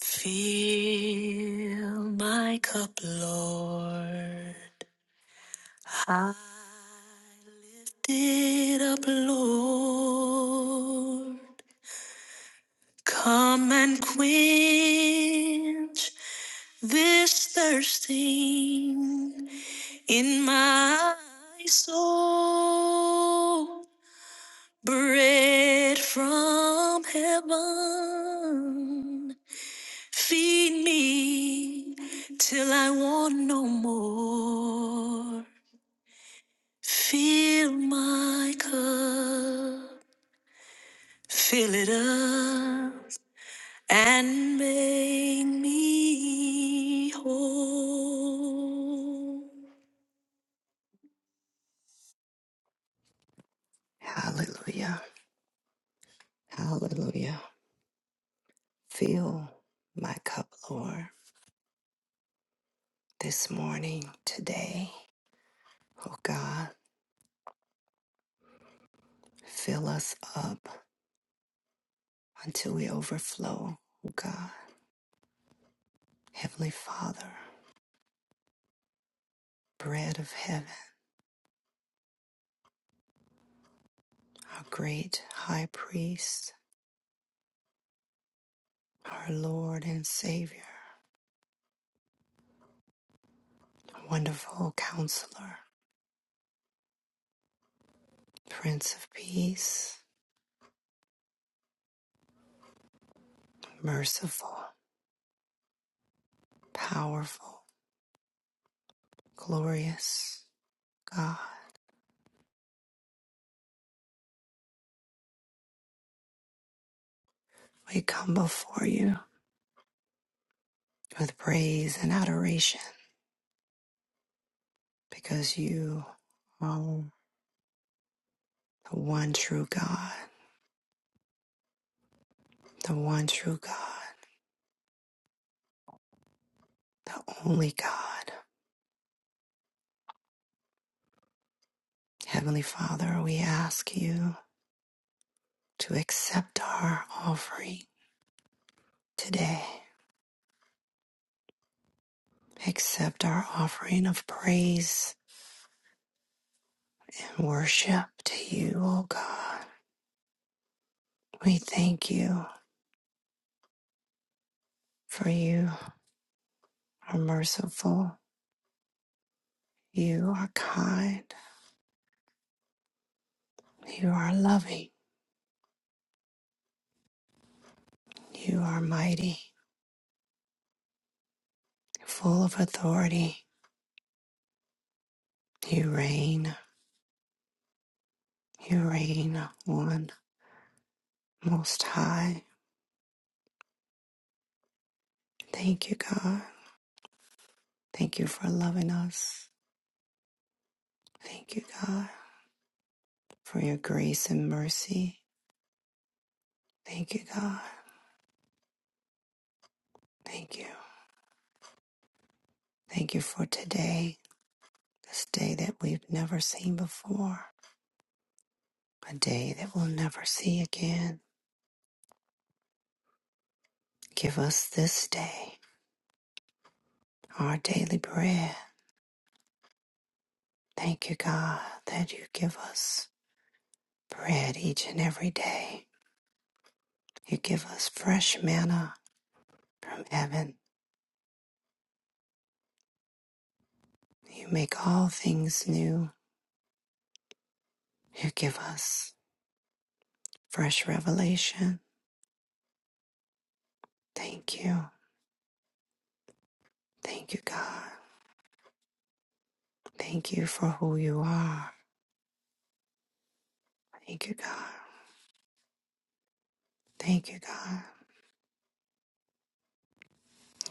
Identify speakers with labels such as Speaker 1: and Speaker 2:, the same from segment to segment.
Speaker 1: Fill my cup, Lord. I lift it up, Lord. Come and quench this thirsting in my soul. Bread from heaven. Feed me till I want no more. Fill my cup, fill it up, and make me whole. Hallelujah. Hallelujah. Fill my cup, Lord, this morning, today. Oh God, fill us up until we overflow, oh God. Heavenly Father, bread of heaven, our great high priest, our Lord and Savior, wonderful counselor, Prince of Peace, merciful, powerful, glorious God, we come before you with praise and adoration because you are the one true God, the one true God, the only God. Heavenly Father, we ask you to accept our offering today. Accept our offering of praise and worship to you, O God. We thank you for you are merciful, you are kind, you are loving, you are mighty, full of authority. You reign, you reign, one most high. Thank you, God. Thank you for loving us. Thank you, God, for your grace and mercy. Thank you, God. Thank you. Thank you for today. this day that we've never seen before, a day that we'll never see again. Give us this day our daily bread. Thank you, God, that you give us bread each and every day. You give us fresh manna from heaven. You make all things new. You give us fresh revelation. Thank you. Thank you, God. Thank you for who you are. Thank you, God. Thank you, God.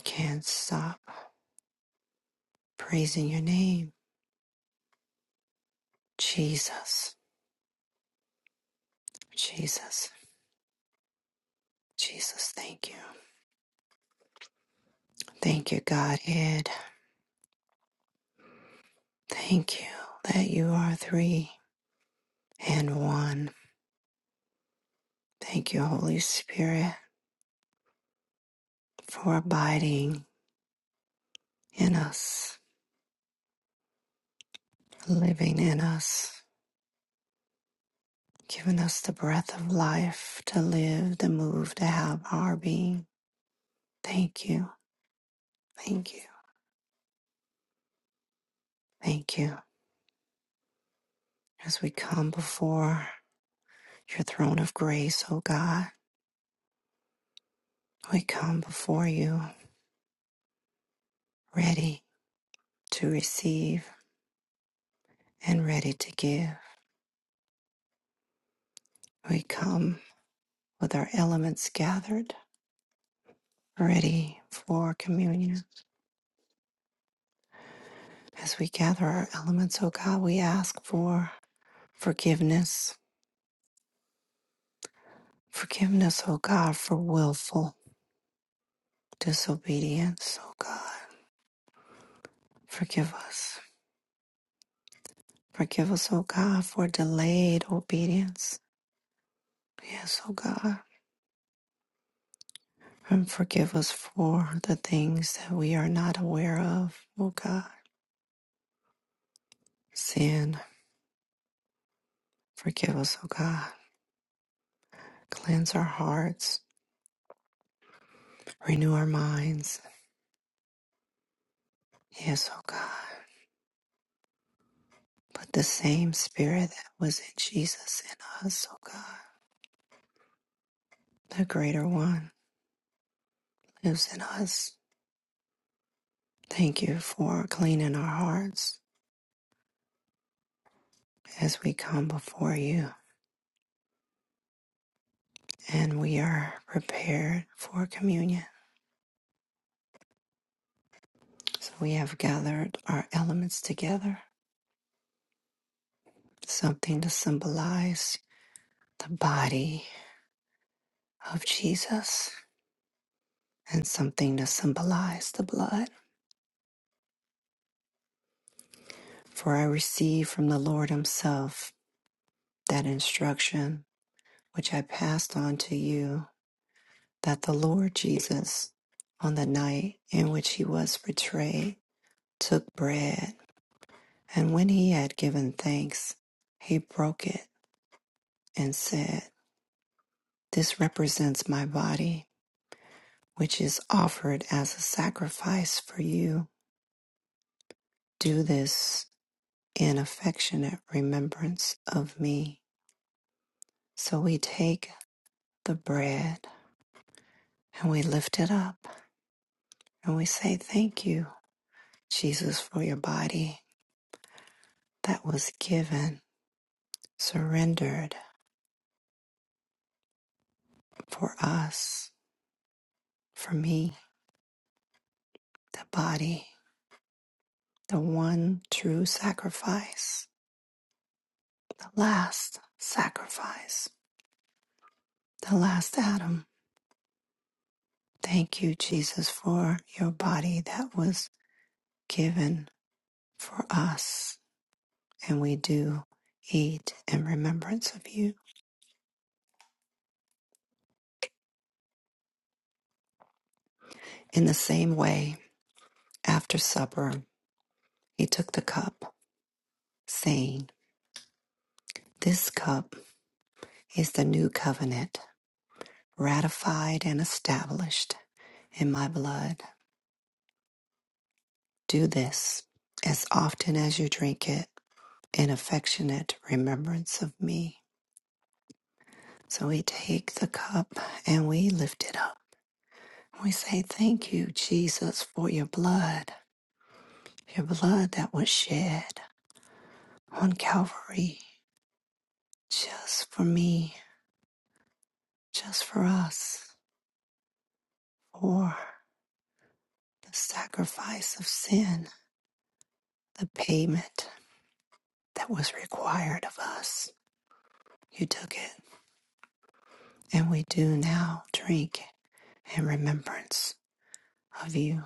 Speaker 1: Can't stop praising your name Jesus, Jesus, Jesus, thank you. Thank you, Godhead. Thank you that you are three and one. Thank you, Holy Spirit, for abiding in us, living in us, giving us the breath of life to live, to move, to have our being. Thank you, thank you, thank you. As we come before your throne of grace, O God, we come before you ready to receive and ready to give. We come with our elements gathered, ready for communion. As we gather our elements, O God, we ask for forgiveness. Forgiveness, O God, for willful disobedience, O God. Forgive us. Forgive us, O God, for delayed obedience. Yes, O God. And forgive us for the things that we are not aware of, O God. Sin. Forgive us, O God Cleanse our hearts, renew our minds. Yes, oh God. Put the same spirit that was in Jesus in us, oh God. The greater one lives in us. Thank you for cleaning our hearts as we come before you and we are prepared for communion. So we have gathered our elements together, something to symbolize the body of Jesus and something to symbolize the blood. For I received from the Lord Himself that instruction which I passed on to you that the Lord Jesus, on the night in which He was betrayed, took bread, and when He had given thanks, He broke it and said, This represents my body, which is offered as a sacrifice for you. Do this in affectionate remembrance of me. So we take the bread and we lift it up And we say, Thank you, Jesus, for your body that was given, surrendered for us, for me, the body, the one true sacrifice, the last sacrifice, the last Adam. Thank you, Jesus, for your body that was given for us. And we do eat in remembrance of you. In the same way, after supper, he took the cup, saying, This cup is the new covenant, ratified and established in my blood. Do this as often as you drink it in affectionate remembrance of me. So we take the cup and we lift it up. We say, Thank you, Jesus, for your blood, your blood that was shed on Calvary just for me, just for us, for the sacrifice of sin, the payment that was required of us. You took it, and we do now drink in remembrance of you.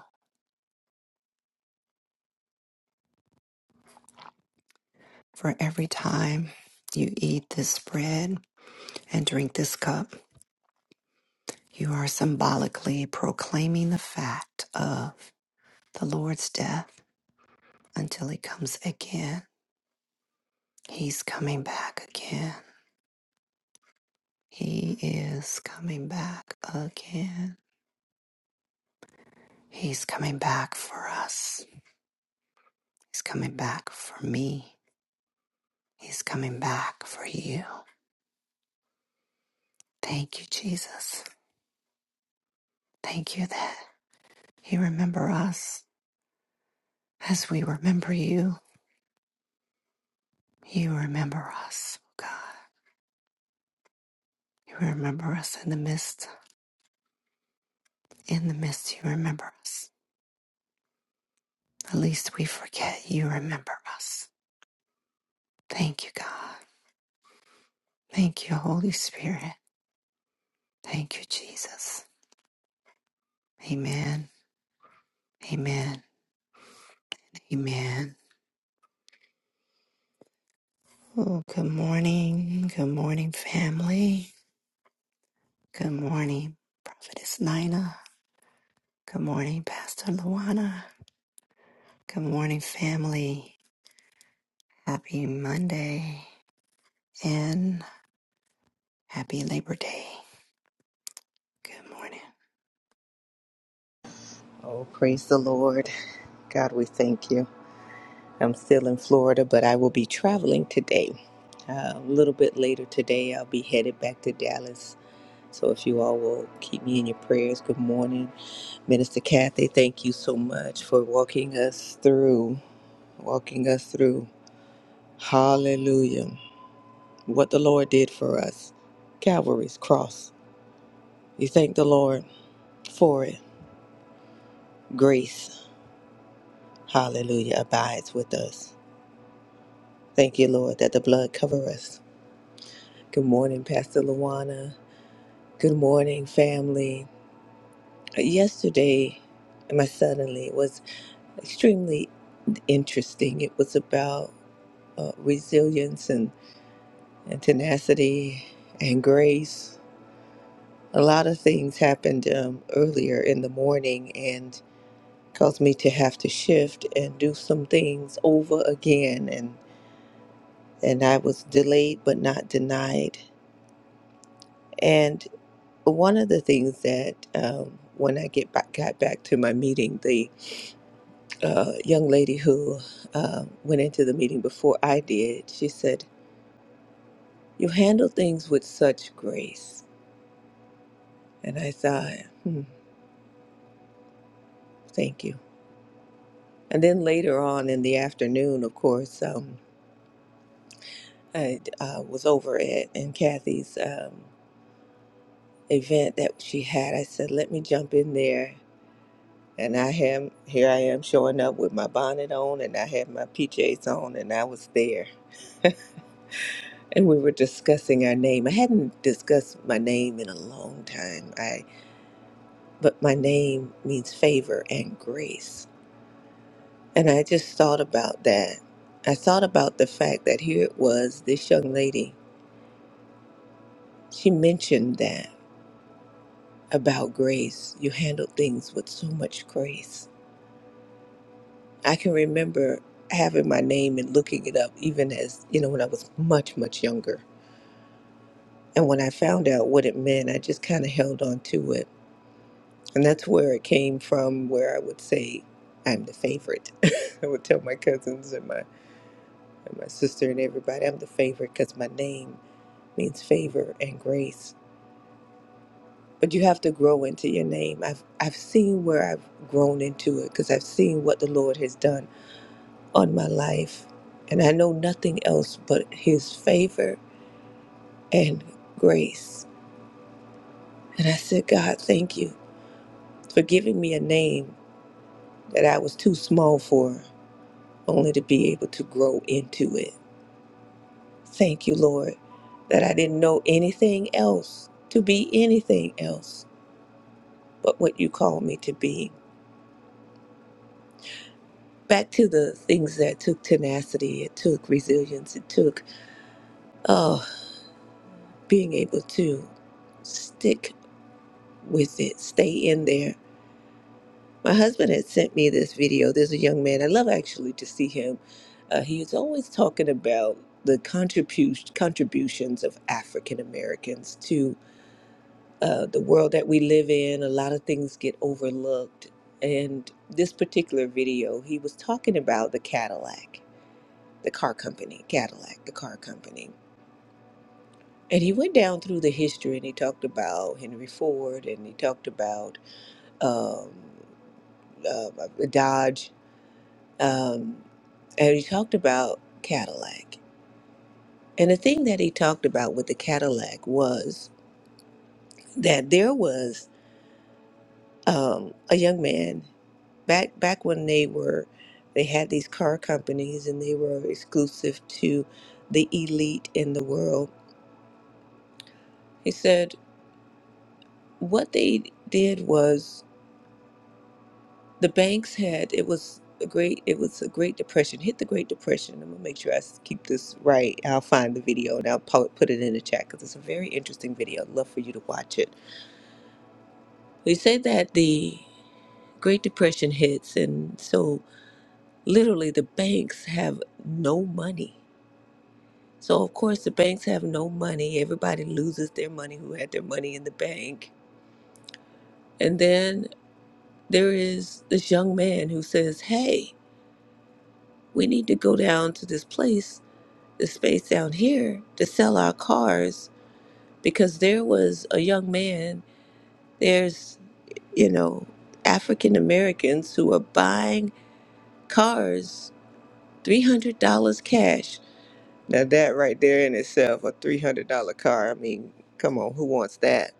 Speaker 1: For every time you eat this bread and drink this cup, you are symbolically proclaiming the fact of the Lord's death until he comes again. He's coming back again. He is coming back again. He's coming back for us. He's coming back for me. He's coming back for you. Thank you, Jesus. Thank you that you remember us as we remember you. You remember us, oh God. You remember us in the midst. In the midst, you remember us. At least we forget you remember us. Thank you, God. Thank you, Holy Spirit. Thank you, Jesus. Amen. Amen. Amen. Oh, good morning. Good morning, family. Good morning, Prophetess Nina. Good morning, Pastor Luana. Good morning, family. Happy Monday and happy Labor Day. Good morning.
Speaker 2: Oh, praise the Lord. God, we thank you. I'm still in Florida, but I will be traveling today. Uh, a little bit later today, I'll be headed back to Dallas. So if you all will keep me in your prayers, good morning. Minister Kathy, thank you so much for walking us through, walking us through. Hallelujah. What the Lord did for us. Calvary's cross. We thank the Lord for it. Grace, hallelujah, abides with us. Thank you, Lord, that the blood cover us. Good morning, Pastor Luana. Good morning, family. Uh, Yesterday, my suddenly was extremely interesting. It was about uh, resilience and, and tenacity and grace. A lot of things happened um, earlier in the morning and caused me to have to shift and do some things over again. And, and I was delayed but not denied. and one of the things that um, when I get back, got back to my meeting, the uh, young lady who uh, went into the meeting before I did, she said, "You handle things with such grace," and I thought, hmm, "Thank you." And then later on in the afternoon, of course, um, I uh, was over at in Kathy's um, event that she had. I said, "Let me jump in there." And I am here. I am showing up with my bonnet on, and I had my PJs on, and I was there and we were discussing our name. I hadn't discussed my name in a long time. I but my name means favor and grace. And I just thought about that. I thought about the fact that here it was this young lady. She mentioned that about grace. You handled things with so much grace. I can remember having my name and looking it up even as, you know, when I was much much younger. And when I found out what it meant, I just kind of held on to it And that's where it came from, where I would say, I'm the favorite. I would tell my cousins and my, and my sister and everybody, I'm the favorite because my name means favor and grace. But you have to grow into your name. I've, I've seen where I've grown into it because I've seen what the Lord has done on my life. And I know nothing else but His favor and grace. And I said, God, thank you for giving me a name that I was too small for. only to be able to grow into it. Thank you, Lord, that I didn't know anything else to be anything else but what you called me to be. Back to the things that took tenacity, it took resilience, it took oh, being able to stick with it, stay in there. My husband had sent me this video. There's a young man, I love actually to see him. Uh, he is always talking about the contribu- contributions of African Americans to uh, the world that we live in, a lot of things get overlooked. And this particular video, he was talking about the Cadillac, the car company, Cadillac, the car company. And he went down through the history and he talked about Henry Ford and he talked about um, uh, Dodge um, and he talked about Cadillac. And the thing that he talked about with the Cadillac was that there was um, a young man back back when they were they had these car companies and they were exclusive to the elite in the world. He said what they did was the banks had it was a great it was a great depression hit the great depression. I'm gonna make sure I s- keep this right. I'll find the video and I'll po- put it in the chat because it's a very interesting video. I'd love for you to watch it. He said that the Great Depression hits, and so literally the banks have no money. So of course the banks have no money. Everybody loses their money who had their money in the bank. And then there is this young man who says, "Hey, we need to go down to this place, this space down here to sell our cars because there was a young man, there's, you know, African Americans who are buying cars $300 cash Now that right there in itself, a three hundred dollar car. I mean, come on, who wants that?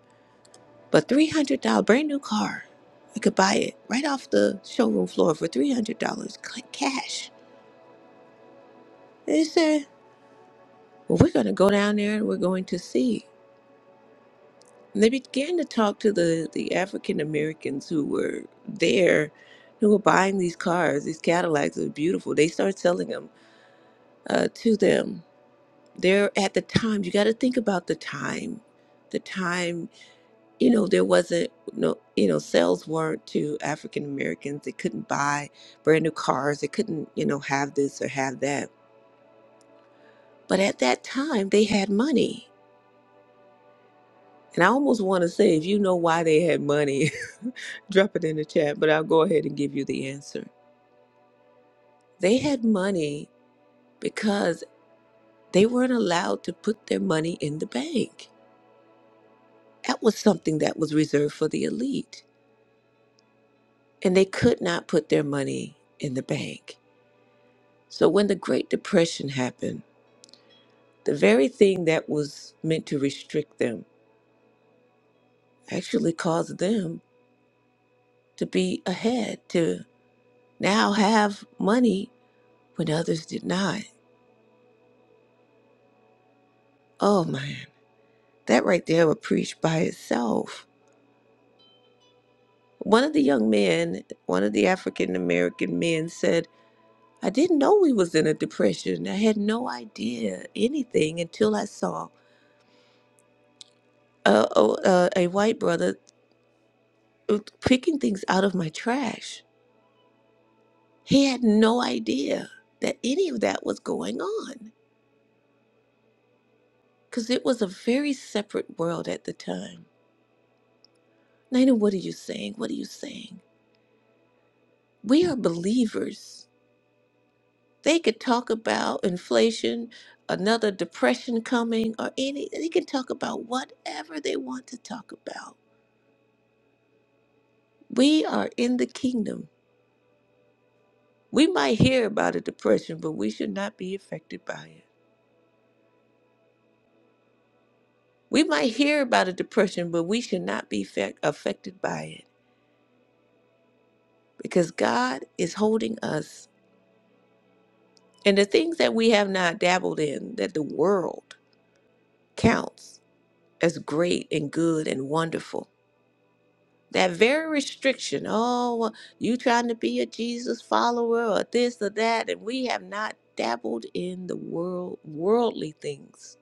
Speaker 2: But three hundred dollar brand new car, I could buy it right off the showroom floor for three hundred dollars cash. They said, "Well, we're going to go down there and we're going to see." And they began to talk to the the African Americans who were there, who were buying these cars, these Cadillacs are beautiful. They started selling them uh, to them. They're at the time. You got to think about the time, the time you know there wasn't no you know sales weren't to african americans they couldn't buy brand new cars they couldn't you know have this or have that but at that time they had money and i almost want to say if you know why they had money drop it in the chat but i'll go ahead and give you the answer they had money because they weren't allowed to put their money in the bank that was something that was reserved for the elite and they could not put their money in the bank So when the Great Depression happened, the very thing that was meant to restrict them actually caused them to be ahead, to now have money when others did not. Oh man, that right there would preach by itself. One of the young men, one of the African American men said, I didn't know we was in a depression. I had no idea anything until I saw a, a, a a white brother uh, picking things out of my trash. He had no idea that any of that was going on because it was a very separate world at the time. Nina, what are you saying? What are you saying? We are believers. They could talk about inflation, another depression coming, or any, they can talk about whatever they want to talk about. We are in the kingdom. We might hear about a depression, but we should not be affected by it. We might hear about a depression, but we should not be fe- affected by it because God is holding us. And the things that we have not dabbled in, that the world counts as great and good and wonderful. That very restriction, oh, well, you trying to be a Jesus follower or this or that, and we have not dabbled in the world, worldly things.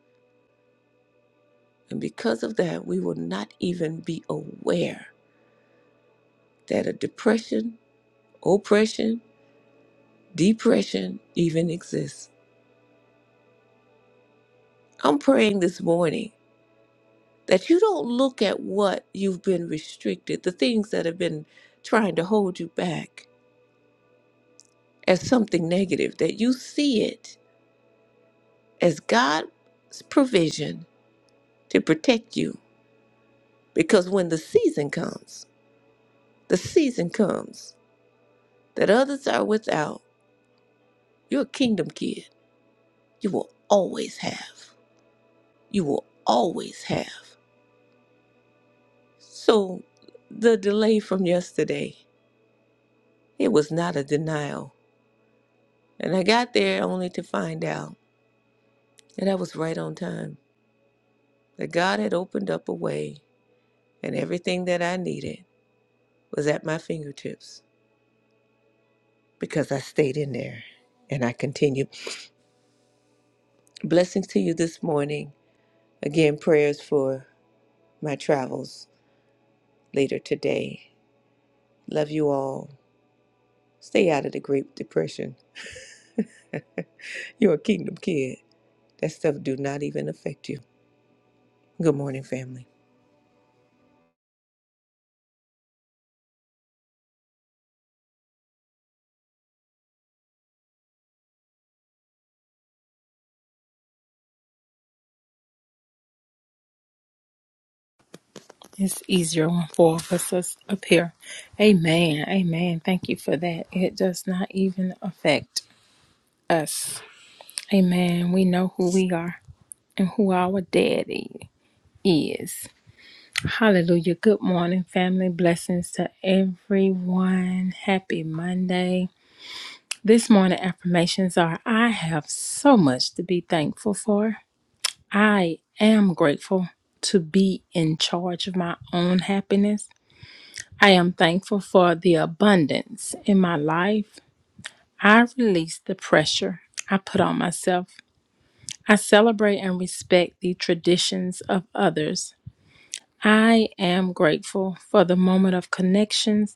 Speaker 2: And because of that, we will not even be aware that a depression, oppression, depression even exists. I'm praying this morning that you don't look at what you've been restricted, the things that have been trying to hold you back as something negative, that you see it as God's provision to protect you. Because when the season comes, the season comes that others are without, you're a kingdom kid. You will always have. You will always have. So the delay from yesterday, it was not a denial. And I got there only to find out. And I was right on time. That God had opened up a way, and everything that I needed was at my fingertips because I stayed in there and I continued. Blessings to you this morning. Again, prayers for my travels later today. Love you all. Stay out of the Great Depression. You're a kingdom kid. That stuff do not even affect you. Good morning, family.
Speaker 3: It's easier when four of us is up here. Amen. Amen. Thank you for that. It does not even affect us. Amen. We know who we are and who our daddy is. Hallelujah. Good morning, family. Blessings to everyone. Happy Monday. This morning, affirmations are I have so much to be thankful for. I am grateful to be in charge of my own happiness. I am thankful for the abundance in my life. I release the pressure I put on myself. I celebrate and respect the traditions of others. I am grateful for the moment of connections.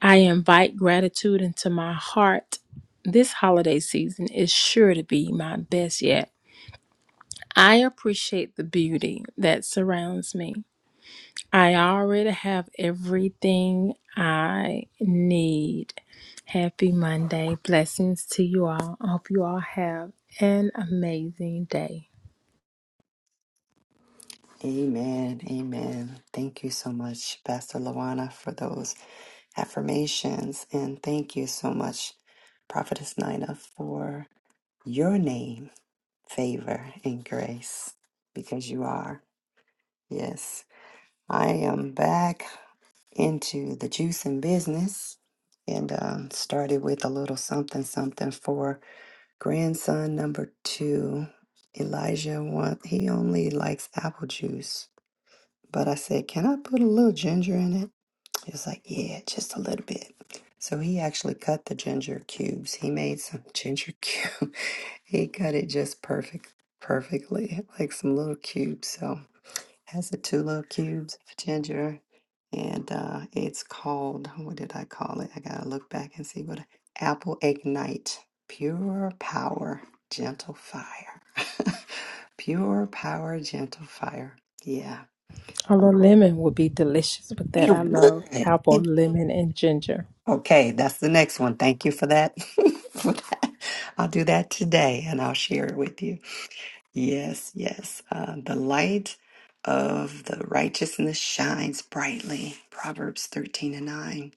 Speaker 3: I invite gratitude into my heart. This holiday season is sure to be my best yet. I appreciate the beauty that surrounds me. I already have everything I need. Happy Monday. Blessings to you all. I hope you all have an amazing day.
Speaker 1: Amen. Amen. Thank you so much, Pastor Lawana, for those affirmations. And thank you so much, Prophetess Nina, for your name, favor, and grace, because you are. Yes. I am back into the juicing business and um, started with a little something something for Grandson number two, Elijah, one, he only likes apple juice. But I said, Can I put a little ginger in it? He was like, Yeah, just a little bit. So he actually cut the ginger cubes. He made some ginger cube. he cut it just perfect, perfectly, like some little cubes. So has the two little cubes of ginger, and uh, it's called what did I call it? I gotta look back and see what apple ignite pure power, gentle fire, pure power, gentle fire. Yeah,
Speaker 3: Although lemon would be delicious with
Speaker 1: it
Speaker 3: that. I
Speaker 1: would.
Speaker 3: love apple,
Speaker 1: It-
Speaker 3: lemon, and ginger.
Speaker 1: Okay, that's the next one. Thank you for that. for that. I'll do that today, and I'll share it with you. Yes, yes. Uh, the light of the righteousness shines brightly. Proverbs 13 and 9.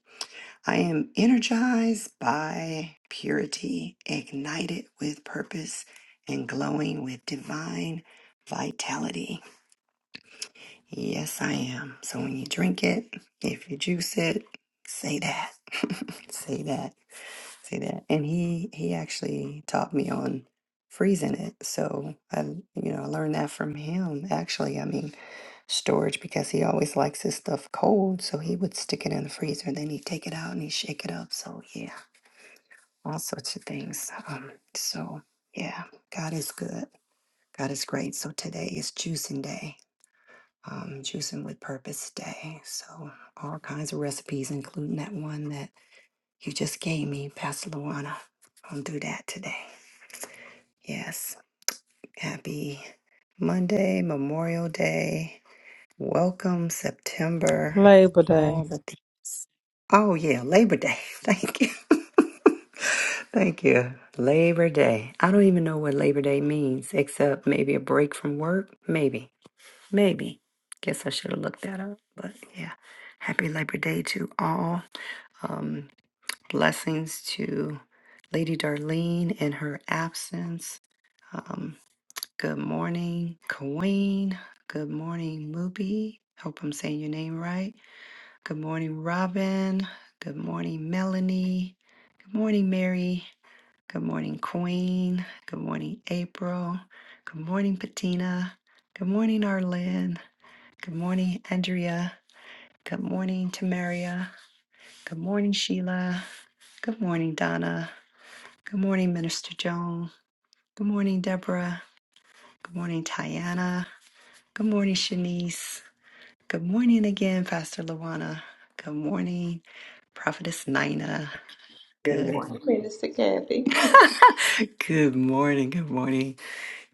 Speaker 1: I am energized by purity, ignited with purpose, and glowing with divine vitality. Yes, I am. So when you drink it, if you juice it, say that. say that. Say that. And he he actually taught me on freezing it. So I you know, I learned that from him actually. I mean, storage because he always likes his stuff cold, so he would stick it in the freezer, then he'd take it out and he'd shake it up. So yeah, all sorts of things. Um so yeah, God is good. God is great. So today is juicing day um, Juicing with Purpose Day. So, all kinds of recipes, including that one that you just gave me, Pastor Luana. I'll do that today. Yes. Happy Monday, Memorial Day. Welcome, September.
Speaker 3: Labor
Speaker 1: All
Speaker 3: Day.
Speaker 1: the things. Oh, yeah, Labor Day. Thank you. Thank you. Labor Day. I don't even know what Labor Day means, except maybe a break from work. Maybe. Maybe. Guess I should have looked that up. But yeah, happy Labor Day to all. Um, blessings to Lady Darlene in her absence. Um, good morning, Queen. Good morning, Mubi. Hope I'm saying your name right. Good morning, Robin. Good morning, Melanie. Good morning, Mary. Good morning, Queen. Good morning, April. Good morning, Patina. Good morning, Arlen. Good morning, Andrea. Good morning, Tamaria. Good morning, Sheila. Good morning, Donna. Good morning, Minister Joan. Good morning, Deborah. Good morning, Tiana. Good morning, Shanice. Good morning again, Pastor Luana. Good morning, Prophetess Nina.
Speaker 2: Good
Speaker 1: Good
Speaker 2: morning,
Speaker 1: morning.
Speaker 2: Minister Kathy.
Speaker 1: good morning. Good morning.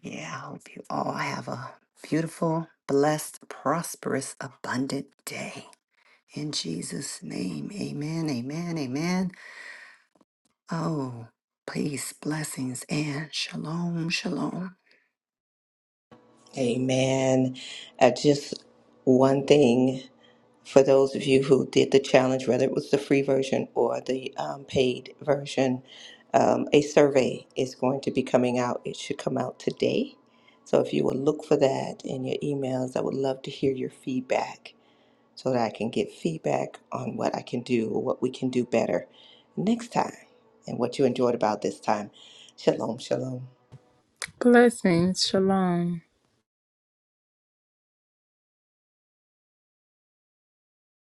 Speaker 1: Yeah, I hope you all have a beautiful, blessed, prosperous, abundant day. In Jesus' name, amen, amen, amen. Oh, peace, blessings, and shalom, shalom.
Speaker 2: Amen. Uh, just one thing. for those of you who did the challenge, whether it was the free version or the um, paid version, um, a survey is going to be coming out. It should come out today. So if you will look for that in your emails, I would love to hear your feedback so that I can get feedback on what I can do or what we can do better next time and what you enjoyed about this time. Shalom, shalom.
Speaker 3: Blessings. Shalom.